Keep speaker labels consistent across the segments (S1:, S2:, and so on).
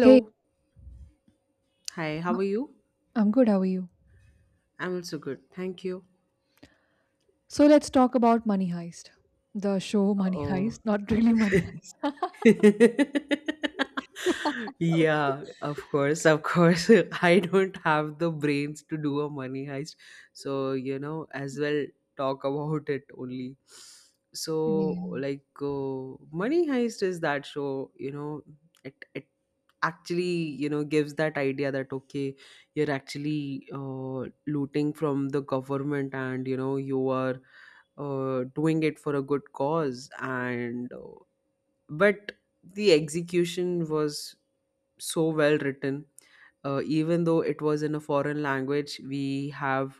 S1: Hey,
S2: Hi, how
S1: uh,
S2: are you?
S1: I'm good. How are you?
S2: I'm also good. Thank you.
S1: So let's talk about Money Heist. The show Money
S2: Oh.
S1: Heist, not really Money
S2: Yeah, of course, of course. I don't have the brains to do a money heist. So, as well talk about it only.
S1: Heist.
S2: So,
S1: Yeah.
S2: like, Money Heist is that show, it actually, gives that idea that, okay, you're actually looting from the government and, you are doing it for a good cause, and but the execution was so well written, even though it was in a foreign language. We have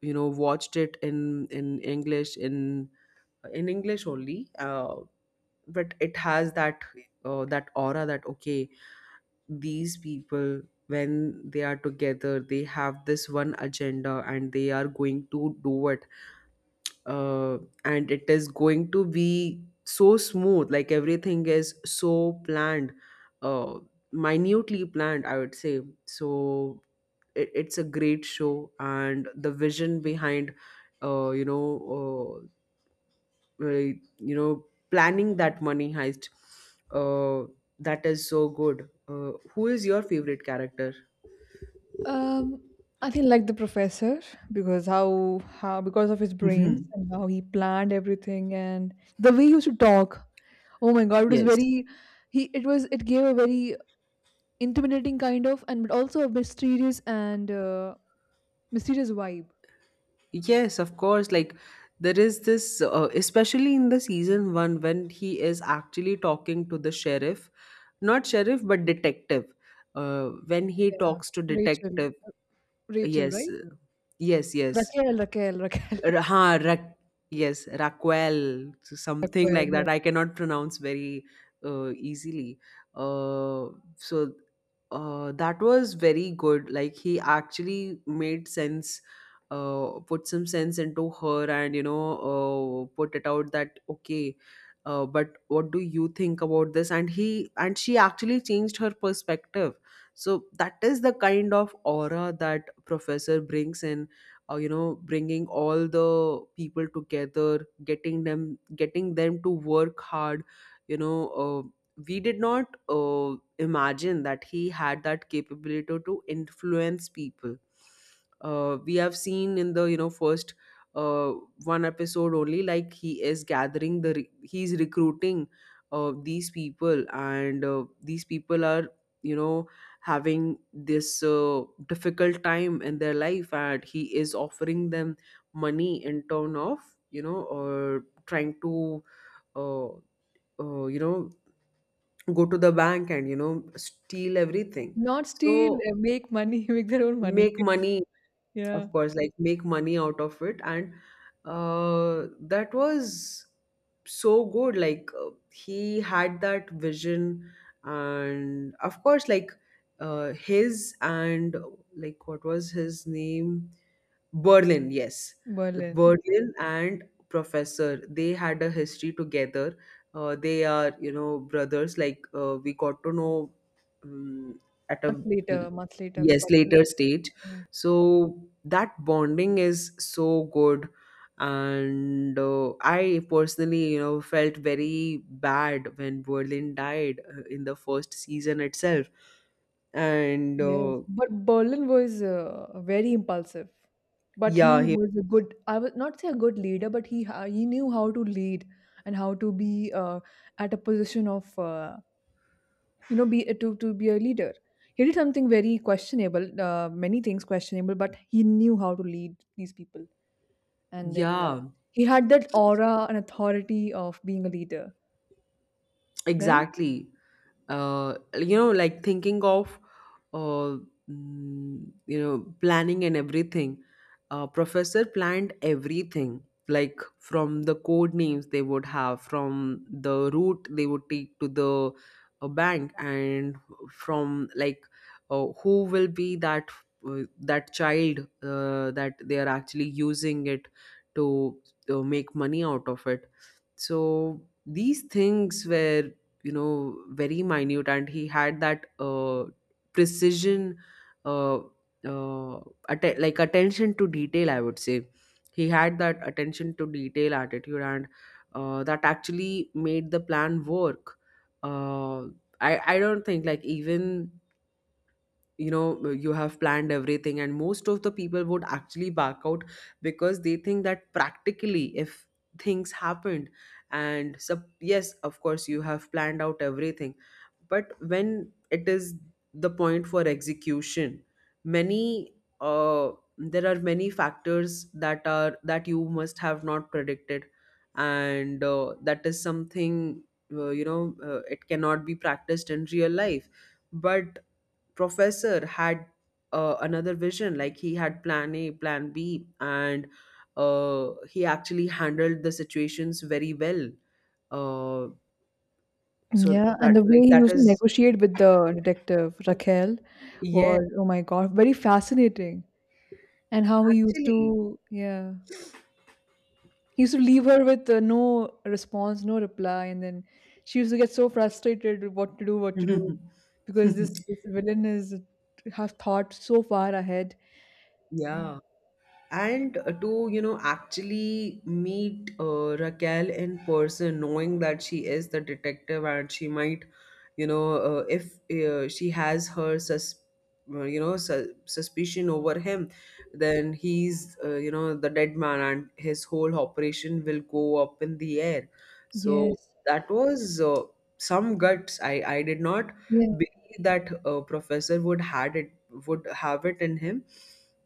S2: watched it in English, in English only. But it has that that aura, that okay, these people, when they are together, they have this one agenda, and they are going to do it, uh, and it is going to be so smooth. Like, everything is so planned, uh, minutely planned, I would say. So it's a great show, and the vision behind, uh, you know uh, uh, you know planning that money heist, uh, that is so good. Who is your favorite character?
S1: Um, I think like the professor because how because of his brains
S2: Mhm.
S1: and how he planned everything and the way he used to talk. Oh my God, it was
S2: Yes.
S1: very he. It was it gave a very intimidating kind of and but also a mysterious and mysterious vibe.
S2: Yes, of course. Like, there is this, especially in the season one, when he is actually talking to the sheriff, not sheriff, but detective. When he
S1: Yeah,
S2: talks to
S1: Rachel,
S2: detective,
S1: Rachel,
S2: yes,
S1: right?
S2: yes, yes,
S1: Raquel, Raquel, Raquel,
S2: R- ha, Ra- yes, Raquel, so something like
S1: Raquel.
S2: that. I cannot pronounce very easily. Uh, so that was very good. Like, he actually made sense, put some sense into her, and put it out that okay. But what do you think about this? And he and she actually changed her perspective. So that is the kind of aura that Professor brings in. Bringing all the people together, getting them to work hard. You know, uh we did not imagine that he had that capability to influence people. We have seen, in the, first, uh, one episode only, like, he is gathering the, he's recruiting these people, and these people are, you know having this difficult time in their life, and he is offering them money in turn of, or trying to, uh, uh, you know go to the bank and steal everything.
S1: Not steal,
S2: So,
S1: make money, make their own money.
S2: make money.
S1: Yeah,
S2: Of course, like, make money out of it. And that was so good. Like, he had that vision. And of course, like, his and, like, what was his name? Berlin, yes.
S1: Berlin.
S2: Berlin and Professor, they had a history together. They are, brothers. Like, we got to know, um, at a,
S1: Months later, we
S2: yes,
S1: got to.
S2: later stage.
S1: Yeah.
S2: So that bonding is so good, and I personally, felt very bad when Berlin died in the first season itself. And
S1: Yes, but Berlin was very impulsive. But he
S2: yeah, he,
S1: was a good, I would not say a good leader, but he knew how to lead and how to be at a position of you know be to be a leader. He did something very questionable, many things questionable, but he knew how to lead these people. And then
S2: yeah,
S1: he had that aura and authority of being a leader. Right?
S2: exactly. Like, thinking of, uh, planning and everything. Professor planned everything, like from the code names they would have, from the route they would take to the bank, and from, like, who will be that that child that they are actually using it to make money out of it. So these things were, very minute, and he had that precision, uh, uh, like, attention to detail, I would say. He had that attention to detail attitude, and that actually made the plan work. Uh, I, I don't think, like, even, you have planned everything and most of the people would actually back out, because they think that practically, if things happened, yes, of course, you have planned out everything, but when it is the point for execution, many uh, there are many factors that you must have not predicted. And that is something, it cannot be practiced in real life. But Professor had another vision. Like, he had plan A, plan B, and he actually handled the situations very well. uh, so
S1: Yeah, and
S2: that,
S1: the
S2: like,
S1: way he
S2: that
S1: used to
S2: is—
S1: negotiate with the detective, Raquel,
S2: yeah,
S1: was, oh my God, very fascinating. And how he used
S2: actually,
S1: to, yeah, he used to leave her with no response, no reply. And then she used to get so frustrated with what to do, because this villain is has thought so far ahead. Yeah.
S2: yeah, and to actually meet Raquel in person, knowing that she is the detective and she might, if she has her suspicion over him, then he's, the dead man, and his whole operation will go up in the air. So
S1: Yes.
S2: that was, some guts. I did not
S1: Yeah,
S2: believe that Professor would had it would have it in him,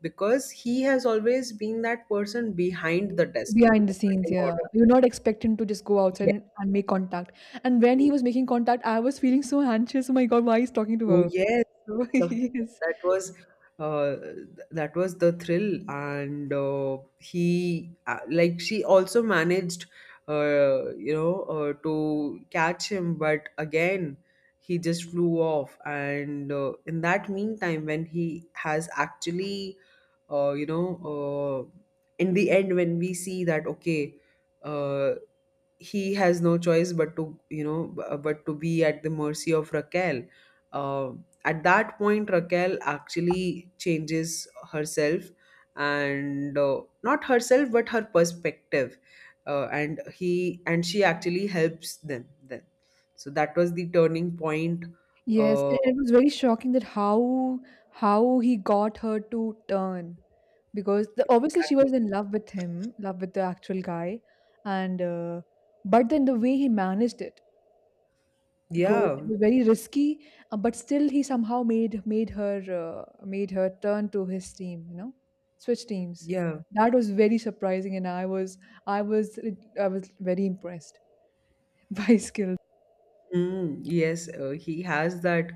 S2: because he has always been that person behind the desk
S1: behind the scenes,
S2: conducting
S1: yeah.
S2: orders.
S1: You're not expecting to just go outside
S2: Yes.
S1: and make contact. And when he was making contact, I was feeling so anxious. Oh my God, why he's talking to
S2: Oh,
S1: her?
S2: yes.
S1: So
S2: The-
S1: yes.
S2: that was, that was the thrill, and he, like, she also managed, to catch him, but again he just flew off. And in that meantime, when he has actually, uh, you know, uh, in the end, when we see that, okay, uh, he has no choice but to, but to be at the mercy of Raquel. uh, at that point, Raquel actually changes herself, and not herself but her perspective, and he and she actually helps them then. So that was the turning point.
S1: Yes,
S2: uh,
S1: and it was very shocking that how he got her to turn because the, obviously she was
S2: exactly.
S1: in love with him, love with the actual guy, and but then the way he managed it because
S2: Yeah,
S1: it was very risky, but still he somehow made her made her turn to his team, you know, switch teams.
S2: yeah.
S1: That was very surprising, and I was I was I was very impressed by his skill.
S2: Mm, yes, he has that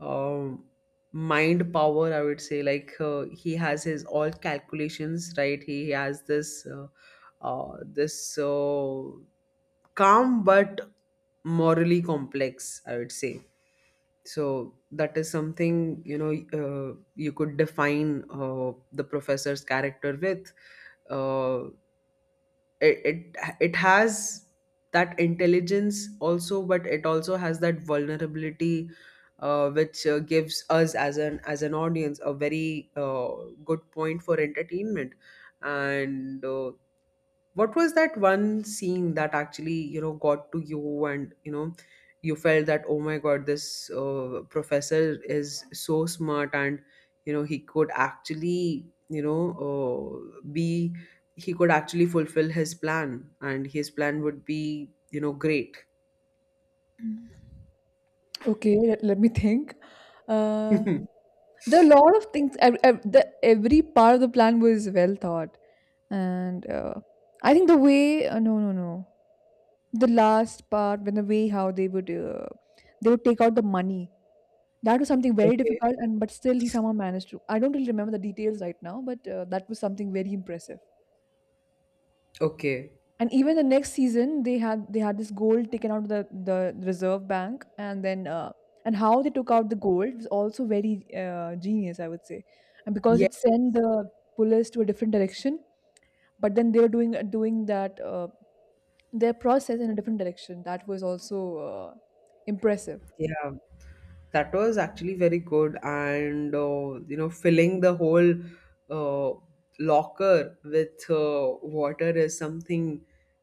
S2: um, mind power, I would say. Like, he has his all calculations, right? He has this, uh, this uh, calm but morally complex, I would say. So that is something, you could define the professor's character with. Uh, it has that intelligence also, but it also has that vulnerability, which gives us, as an audience, a very good point for entertainment. And, what was that one scene that actually, got to you, and, you felt that, oh my God, this Professor is so smart, and, you know, he could actually, you know, uh, be, he could actually fulfill his plan, and his plan would be, great.
S1: Okay, let, let me think. Uh, There are a lot of things. Every part of the plan was well thought, and I think the way no, the last part when the way how they would take out the money, that was something very
S2: Okay.
S1: difficult and but still he somehow managed to. I don't really remember the details right now, but that was something very impressive.
S2: Okay.
S1: And even the next season, they had this gold taken out of the reserve bank, and then and how they took out the gold was also very genius, I would say, and because
S2: Yeah.
S1: it sent the police to a different direction, but then they were doing that their process in a different direction. That was also impressive.
S2: Yeah. That was actually very good, and filling the whole uh, locker with water is something,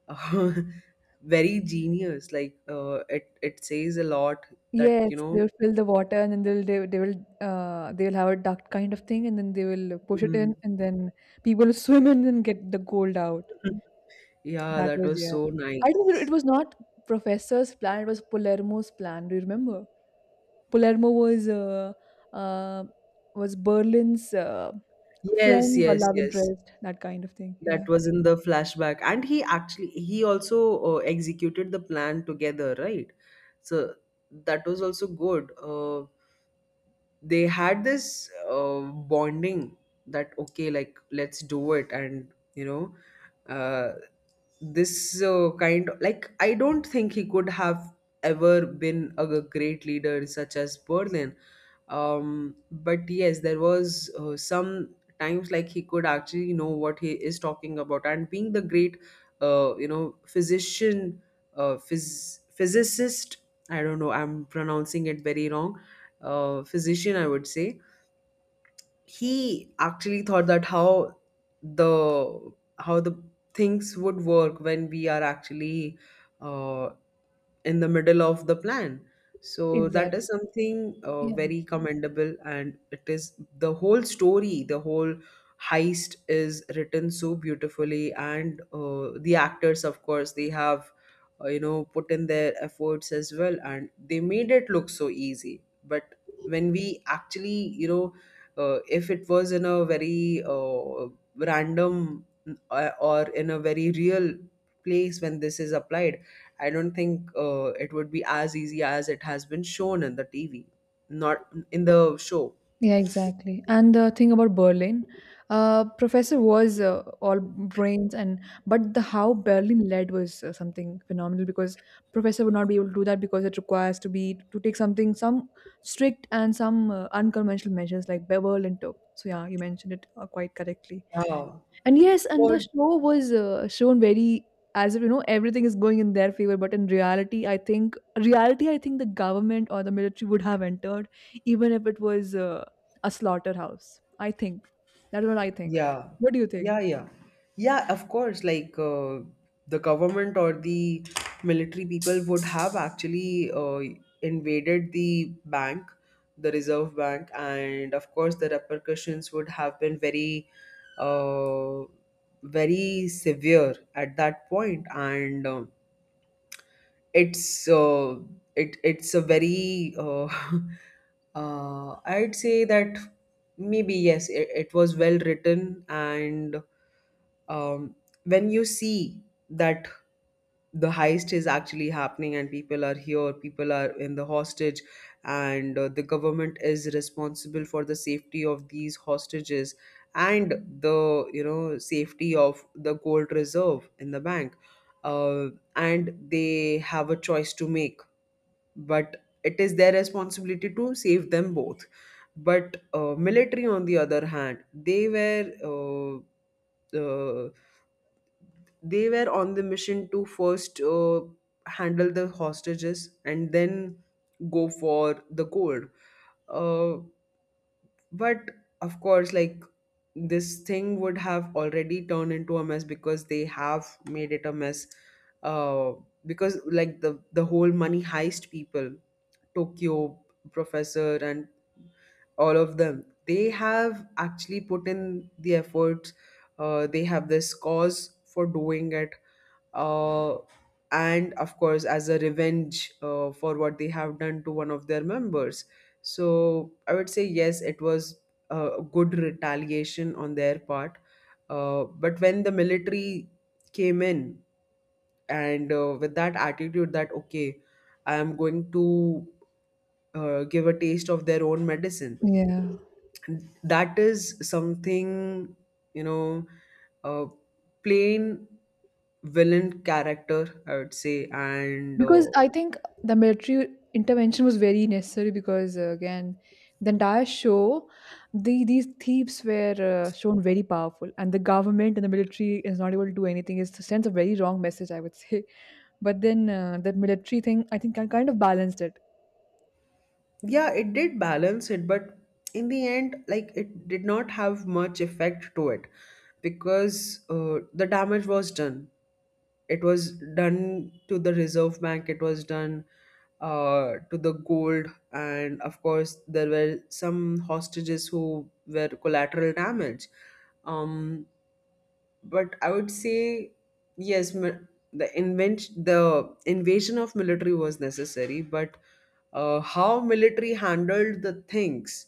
S2: uh, very genius. Like, it says a lot that,
S1: Yes, they'll fill the water and then they'll they will they'll have a duct kind of thing and then they will push it
S2: mm,
S1: in and then people swim in and get the gold out.
S2: yeah,
S1: That
S2: that
S1: was,
S2: was
S1: yeah.
S2: so
S1: I think it it
S2: nice.
S1: was not professor's plan, it was Palermo's plan. Do you remember? Palermo uh, was Berlin's
S2: Yes,
S1: friend or
S2: yes,
S1: love
S2: yes.
S1: interest, that kind of thing.
S2: That
S1: Yeah.
S2: was in the flashback, and he also executed the plan together, right? So that was also good. They had this bonding, that okay, like, let's do it, and, you know uh, this kind of, like, I don't think he could have ever been a great leader such as Berlin. But yes, there was some times, like, he could actually know what he is talking about, and being the great, physician, physicist, I don't know, I'm pronouncing it very wrong, physician, I would say. He actually thought that how the the things would work when we are actually uh, in the middle of the plan. So that is
S1: Exactly.
S2: something very commendable, and it is the whole story, the whole heist is written so beautifully, and the actors, of course, they have put in their efforts as well, and they made it look so easy. But when we actually, if it was in a very random, or in a very real place when this is applied, I don't think it would be as easy as it has been shown in the TV, not in the show.
S1: Yeah, exactly. And the thing about Berlin, professor was all brains and but the how Berlin led was something phenomenal because professor would not be able to do that because it requires to take something some strict and some unconventional measures like Berlin took. So yeah, you mentioned it quite correctly.
S2: Yeah.
S1: And yes, and the
S2: But
S1: show was shown very as if you know everything is going in their favor, but in reality, I think the government or the military would have entered, even if it was a slaughterhouse. I think that's what I think.
S2: yeah,
S1: What do you think?
S2: yeah, yeah, yeah. Of course, like, the government or the military people would have actually invaded the bank, the Reserve Bank, and of course, the repercussions would have been very, uh, very severe at that point, and it's uh, it's a very I'd say that maybe yes, it was well written, and um, when you see that the heist is actually happening and people are in the hostage, and the government is responsible for the safety of these hostages, and the safety of the gold reserve in the bank. uh, and they have a choice to make, but it is their responsibility to save them both. But military on the other hand, uh, uh, they were on the mission to first handle the hostages and then go for the gold. uh, but of course, like, this thing would have already turned into a mess because they have made it a mess. uh, because, like, the whole Money Heist people, Tokyo, Professor, and all of them, they have actually put in the efforts. They have this cause for doing it, uh, and of course, as a revenge for what they have done to one of their members. So I would say yes, it was a good retaliation on their part. But when the military came in and with that attitude that okay, I am going to give a taste of their own medicine,
S1: Yeah.
S2: that is something, you know, a plain villain character, I would say. And
S1: Because I think the military intervention was very necessary because again the entire show the these thieves were shown very powerful and the government and the military is not able to do anything. It sends a very wrong message, I would say, but then that military thing I think I kind of balanced it.
S2: yeah, it did balance it, but in the end, like, it did not have much effect to it, because the damage was done. It was done to the Reserve Bank, it was done to the gold. And of course, there were some hostages who were collateral damage. um but I would say yes, the invention, the invasion of military was necessary, but how military handled the things,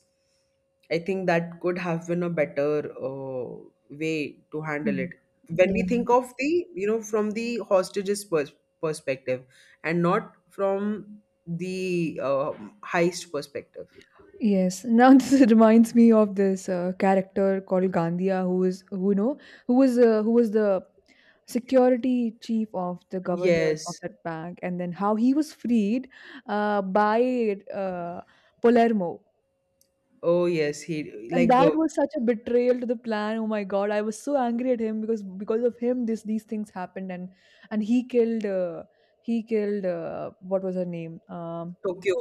S2: I think that could have been a better way to handle
S1: Mhm.
S2: it. When we think of the, you know, from the hostages perspective, and not from the heist perspective.
S1: Yes. Now this reminds me of this character called Gandia, who is who you know who was the security chief of the governor of
S2: Yes.
S1: that bank, and then how he was freed by Palermo,
S2: Oh, yes. He,
S1: and
S2: like,
S1: that was such a betrayal to the plan. Oh my God, I was so angry at him because of him, this these things happened, and he killed what was her name?
S2: Tokyo,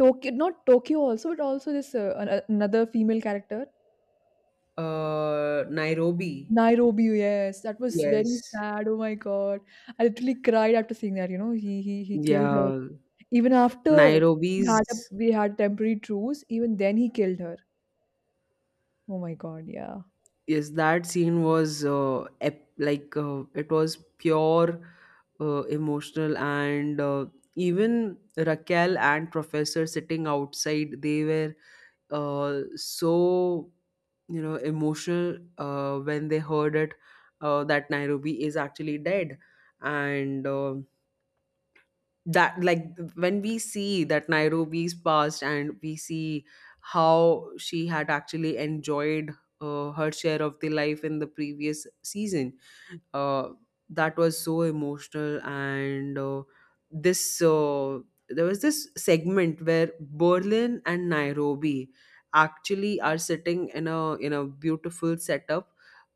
S1: Tokyo, not Tokyo also, but also this another female character.
S2: Nairobi.
S1: Nairobi, yes. That was very
S2: Yes.
S1: sad. Oh my God. I literally cried after seeing that, you know. He killed her.
S2: Yeah.
S1: Even after we had a
S2: Nairobi's,
S1: we had temporary truce, even then he killed her. Oh my God, yeah.
S2: yes, that scene was like, it was pure emotional, and even Raquel and Professor sitting outside, they were so, you know, emotional when they heard it that Nairobi is actually dead. And that, like, when we see that Nairobi's past, and we see how she had actually enjoyed her share of the life in the previous season. uh, that was so emotional, and this, there was this segment where Berlin and Nairobi actually are sitting in a beautiful setup,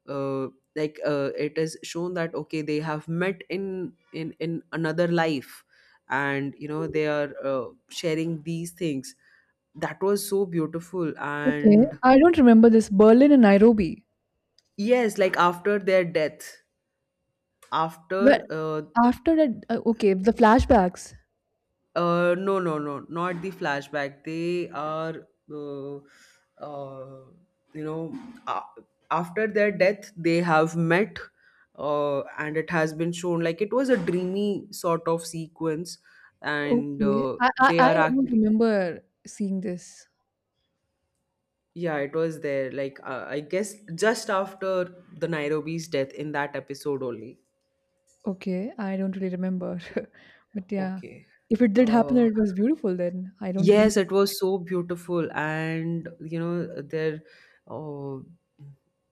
S2: uh, like, it is shown that okay, they have met in in another life, and you know, they are sharing these things. That was so beautiful.
S1: Okay.
S2: And
S1: I don't remember this. Berlin and Nairobi.
S2: yes, like, after their death,
S1: Well,
S2: after
S1: after that, okay, the flashbacks.
S2: uh, no, no, no, not the flashback. They are, uh, you know, a after their death, they have met, and it has been shown like it was a dreamy sort of sequence, and
S1: Okay.
S2: they
S1: I
S2: are
S1: don't
S2: actually,
S1: remember seeing this.
S2: yeah, it was there. Like, I guess just after the Nairobi's death in that episode only.
S1: Okay. I don't really remember. But yeah.
S2: Okay.
S1: If it did happen, then
S2: Uh,
S1: it was beautiful then. I don't really.
S2: Yes, it was so beautiful, and you know, uh,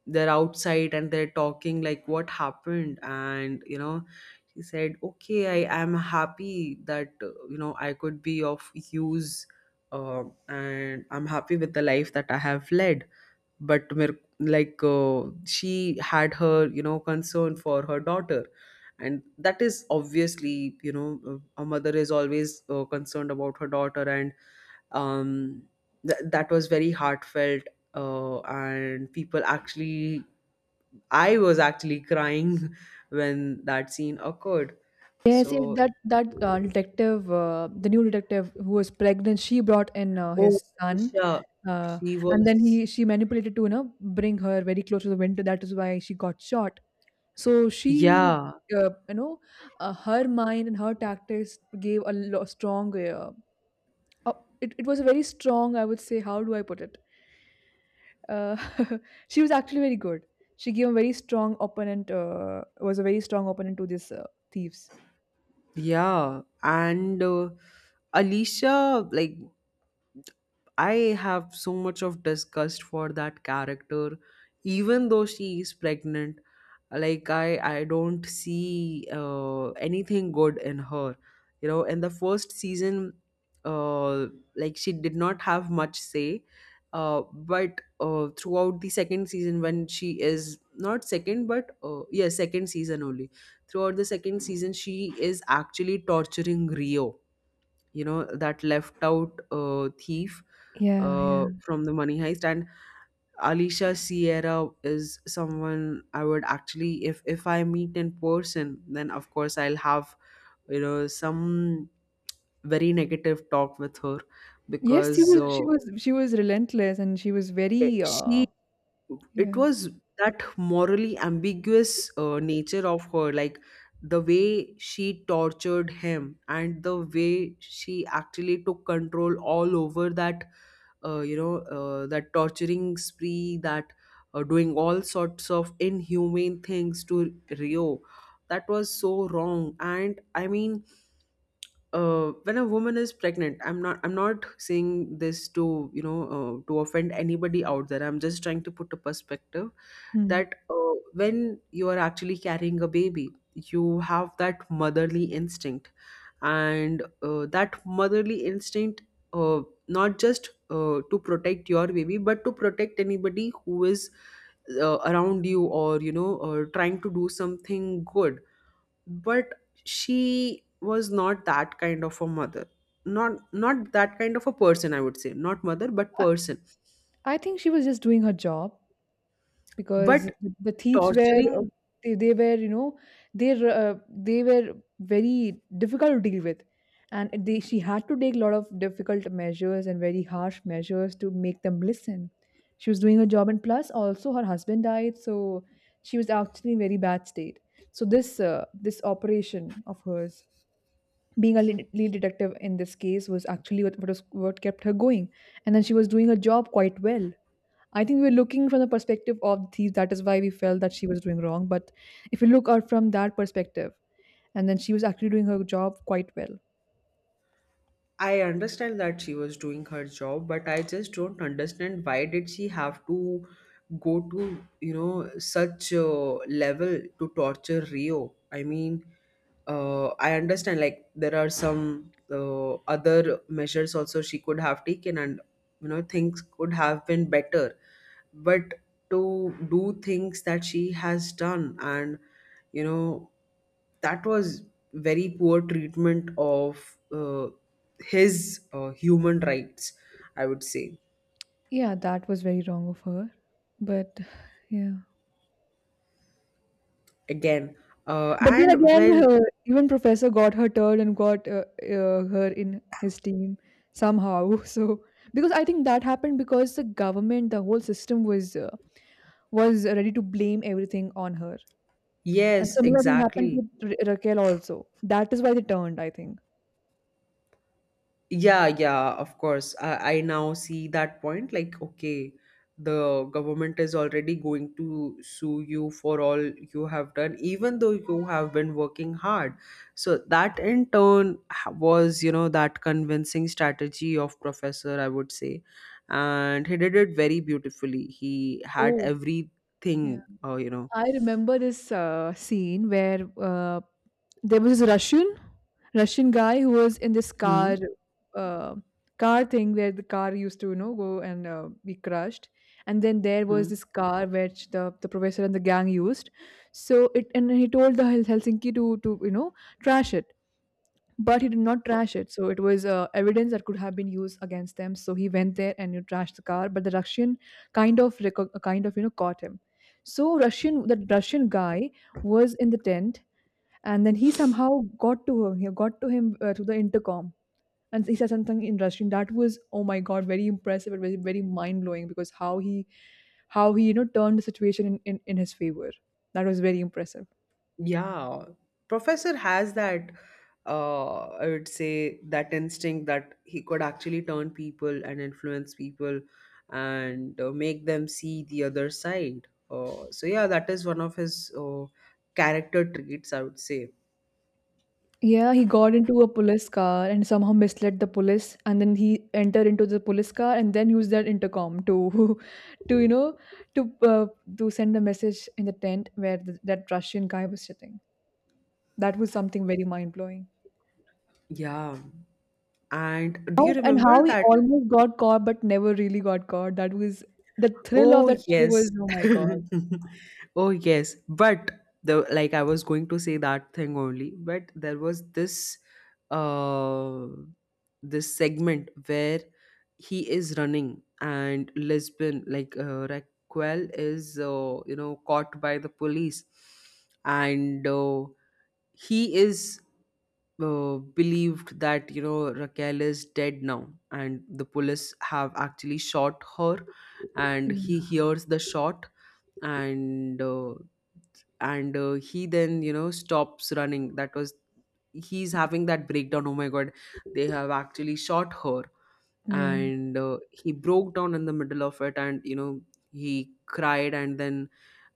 S2: they're outside and they're talking like what happened, and you know, he said, "Okay, I am happy that you know, I could be of use, and I'm happy with the life that I have led." But मेरे- like, she had her, you know, concern for her daughter, and that is obviously, you know, a mother is always concerned about her daughter. And um, that was very heartfelt, and people actually, I was actually crying when that scene occurred.
S1: Yes, yes,
S2: So,
S1: that that detective, the new detective who was pregnant, she brought in
S2: oh,
S1: his son,
S2: Anisha,
S1: uh,
S2: she
S1: and then
S2: was,
S1: he she manipulated to you know bring her very close to the winter. That is why she got shot. So she,
S2: yeah.
S1: you know, her mind and her tactics gave a strong. Uh, it it was a very strong. I would say, how do I put it? Uh, she was actually very good. She gave a very strong opponent. Was a very strong opponent to this thieves.
S2: Yeah, and Alicia, like, I have so much of disgust for that character, even though she is pregnant. Like, I don't see anything good in her. You know, in the first season, uh, like, she did not have much say. But throughout the second season, when she is not second, but yeah, second season only. Throughout the second season, she is actually torturing Rio, you know, that left out thief
S1: Yeah, yeah.
S2: from the Money Heist. And Alicia Sierra is someone I would actually, if I meet in person, then of course I'll have, you know, some very negative talk with her.
S1: Yes, she
S2: Because
S1: was she was she was relentless and she was very, uh,
S2: she, it
S1: yeah.
S2: was that morally ambiguous nature of her. Like the way she tortured him and the way she actually took control all over that you know, that torturing spree, that doing all sorts of inhumane things to Rio, that was so wrong. And I mean, when a woman is pregnant, I'm not saying this to, you know, to offend anybody out there. I'm just trying to put a perspective
S1: Hmm.
S2: that when you are actually carrying a baby, you have that motherly instinct. And that motherly instinct, uh, not just to protect your baby, but to protect anybody who is around you, or, you know, trying to do something good. But she was not that kind of a mother. Not that kind of a person, I would say. Not mother, but
S1: I
S2: person.
S1: I think she was just doing her job because
S2: But
S1: the thieves were,
S2: torturing,
S1: they were, you know, they were very difficult to deal with. And they she had to take a lot of difficult measures and very harsh measures to make them listen. She was doing her job and plus also her husband died, so she was actually in very bad state. So this this operation of hers being a lead detective in this case was actually what kept her going, and then she was doing her job quite well. I think we were looking from the perspective of the thief, that is why we felt that she was doing wrong, but if you look out from that perspective, and then she was actually doing her job quite well.
S2: I understand that she was doing her job, but I just don't understand why did she have to go to, you know, such a level to torture Rio. I mean, I understand, like, there are some other measures also she could have taken, and you know, things could have been better. But to do things that she has done, and you know, that was very poor treatment of his human rights, I would say.
S1: Yeah, that was very wrong of her, but yeah,
S2: Again,
S1: but then
S2: and
S1: again
S2: when,
S1: even professor got her turn and got her in his team somehow. So because I think that happened because the government the whole system was ready to blame everything on her. And
S2: yes,
S1: similar thing happened
S2: exactly.
S1: with Raquel also. That is why they turned, I think.
S2: Yeah, yeah, of course. I now see that point. Like, okay, the government is already going to sue you for all you have done, even though you have been working hard. So, that in turn was, you know, that convincing strategy of Professor, I would say. And he did it very beautifully. He had
S1: Oh, yeah.
S2: everything, you know.
S1: I remember this scene where there was this Russian Russian guy who was in this
S2: Hmm.
S1: car uh, car thing where the car used to you know go and be crushed, and then there
S2: Hmm.
S1: was this car which the professor and the gang used. So it and he told the Helsinki to you know trash it. But he did not trash it, so it was evidence that could have been used against them, so he went there and you trashed the car, but the Russian kind of you know caught him. So Russian, that Russian guy was in the tent, and then he somehow got to him. He got to him through the intercom, and he said something in Russian that was, oh my God, very impressive. It was very mind-blowing because how he you know turned the situation in his favor. That was very impressive.
S2: Yeah, Professor has that, I would say, that instinct that he could actually turn people and influence people, and make them see the other side. So, yeah, that is one of his character traits, I would say.
S1: Yeah, he got into a police car and somehow misled the police, and then he entered into the police car and then used that intercom to, to you know, to uh, to send a message in the tent where th that Russian guy was sitting. That was something very mind blowing.
S2: Yeah. And do you
S1: How and
S2: remember
S1: how he
S2: that,
S1: almost got caught but never really got caught. That was the thrill of
S2: oh
S1: that show, was
S2: yes.
S1: oh my God.
S2: Oh yes. But the, like, I was going to say that thing only, but there was this uh this segment where he is running and Lisbon, like, Raquel is, you know, caught by the police. And he is believed that, you know, Raquel is dead now, and the police have actually shot her, and he
S1: Yeah.
S2: hears the shot, and uh, and he then, you know, stops running. That was, he's having that breakdown. Oh my god, they have actually shot her,
S1: Yeah.
S2: and he broke down in the middle of it, and you know, he cried, and then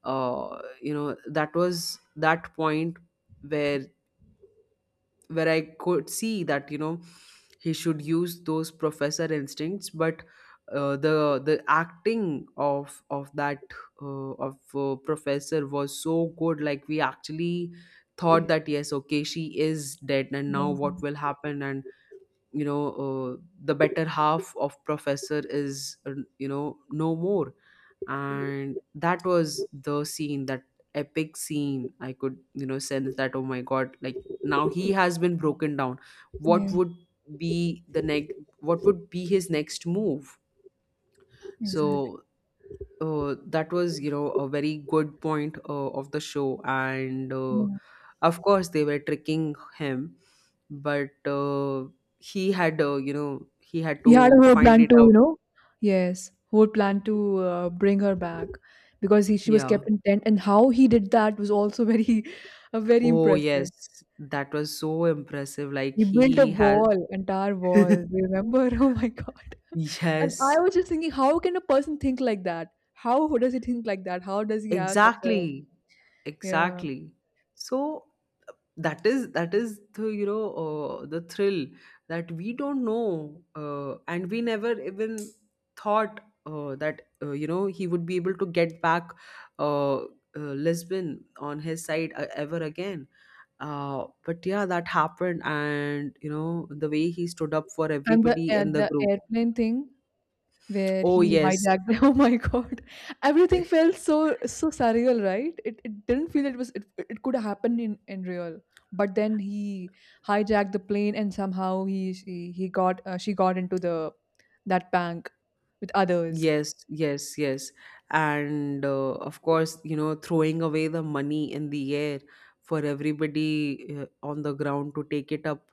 S2: you know, that was that point where I could see that, you know, he should use those Professor instincts. But the acting of that of Professor was so good. Like, we actually thought that yes, okay, she is dead, and now
S1: Yeah.
S2: what will happen? And you know, the better half of Professor is, you know, no more. And that was the scene, that epic scene, I could, you know, sense that oh my god, like, now he has been broken down. What
S1: Yeah.
S2: would be the next, what would be his next move?
S1: Exactly.
S2: So that was, you know, a very good point of the show. And
S1: Yeah.
S2: of course, they were tricking him, but he had, you know, he had
S1: He had a
S2: to
S1: whole
S2: find
S1: plan
S2: it
S1: to, you
S2: out.
S1: know, yes, whole plan to bring her back because he, she was
S2: Yeah.
S1: kept in tent, and how he did that was also very, very
S2: Oh,
S1: impressive.
S2: yes, that was so impressive. Like,
S1: He built a
S2: he had,
S1: wall, entire wall. Do you remember? Oh my God! And I
S2: yes,
S1: was just thinking, how can a person think like that? How does he think like that? How does he have such a
S2: exactly,
S1: yeah?
S2: exactly. So that is, that is the, you know, the thrill, that we don't know, and we never even thought that you know, he would be able to get back uh, uh, Lisbon on his side, ever again. But yeah, that happened, and you know, the way he stood up for everybody in
S1: And
S2: the
S1: the
S2: group.
S1: airplane thing, where
S2: Oh
S1: he
S2: yes.
S1: hijacked oh my God, everything felt so so surreal, right? It didn't feel it was it, it could happen in real, but then he hijacked the plane and somehow he she, he got she got into the that bank with others.
S2: Yes, yes, yes. And of course, you know, throwing away the money in the air for everybody on the ground to take it up.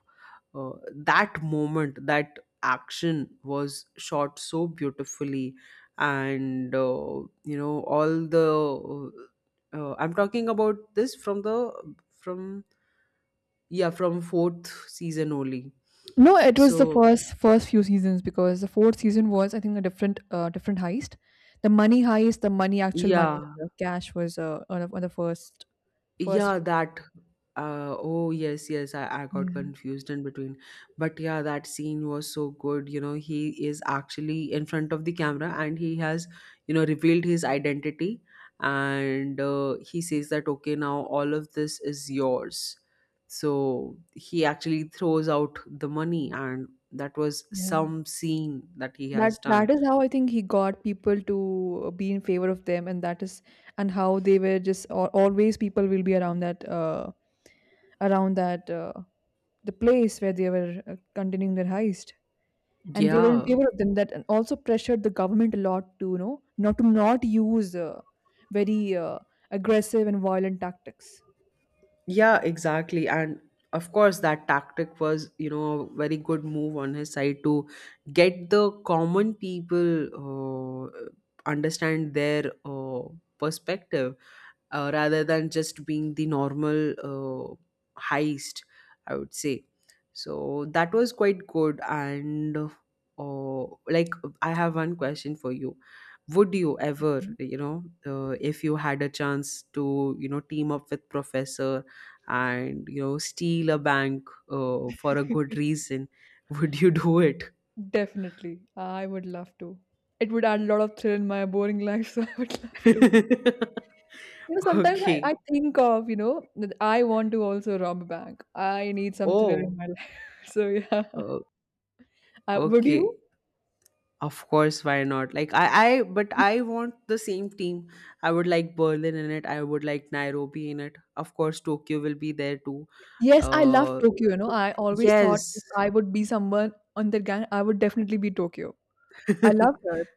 S2: That moment, that action was shot so beautifully. And, you know, all the. I'm talking about this from the. From. Yeah, from fourth season only.
S1: No, it was the
S2: So,
S1: first first few seasons because the fourth season was I think a different different heist. The money heist, the money, actual money,
S2: yeah.
S1: the cash was on, on the first first.
S2: Yeah, that. Oh yes, yes. I got
S1: Yeah.
S2: confused in between, but yeah, that scene was so good. You know, he is actually in front of the camera, and he has, you know, revealed his identity, and he says that okay, now all of this is yours. So he actually throws out the money, and that was
S1: Yeah.
S2: some scene that he
S1: That
S2: has
S1: that
S2: done.
S1: is how I think he got people to be in favor of them, and that is and how they were just al always people will be around that the place where they were continuing their heist, and they were in
S2: Yeah,
S1: favor of them. That and also pressured the government a lot to you know not to not use very aggressive and violent tactics.
S2: yeah, exactly. And of course, that tactic was, you know, a very good move on his side to get the common people understand their perspective, rather than just being the normal uh, heist, I would say. So that was quite good. And like, I have one question for you. Would you ever,
S1: Yeah.
S2: you know, if you had a chance to, you know, team up with Professor and, you know, steal a bank for a good reason, would you do it?
S1: Definitely, I would love to. It would add a lot of thrill in my boring life, so I would love to. You know, sometimes I
S2: Okay.
S1: think of, you know, that I want to also rob a bank. I need some thrill in
S2: Oh,
S1: my life. So yeah.
S2: uh,
S1: Would
S2: okay.
S1: you?
S2: Of course, why not? Like, I but I want the same team. I would like Berlin in it. I would like Nairobi in it. Of course, Tokyo will be there too.
S1: Yes, I love
S2: Uh,
S1: Tokyo, you know. I always thought
S2: yes.
S1: if I would be someone on that gang, I would definitely be Tokyo. I love her.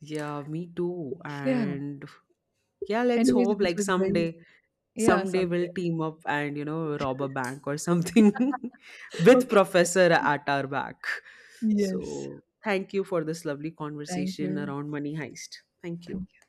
S2: Yeah, me too.
S1: Yeah.
S2: And yeah, let's
S1: Anyways,
S2: hope,
S1: this
S2: like,
S1: was a very
S2: someday,
S1: yeah,
S2: someday
S1: someday.
S2: we'll team up and, you know, rob a bank or something with
S1: Okay.
S2: Professor at our back.
S1: Yes.
S2: So thank you for this lovely
S1: Thank
S2: conversation
S1: you.
S2: around Money Heist. Thank you.
S1: Thank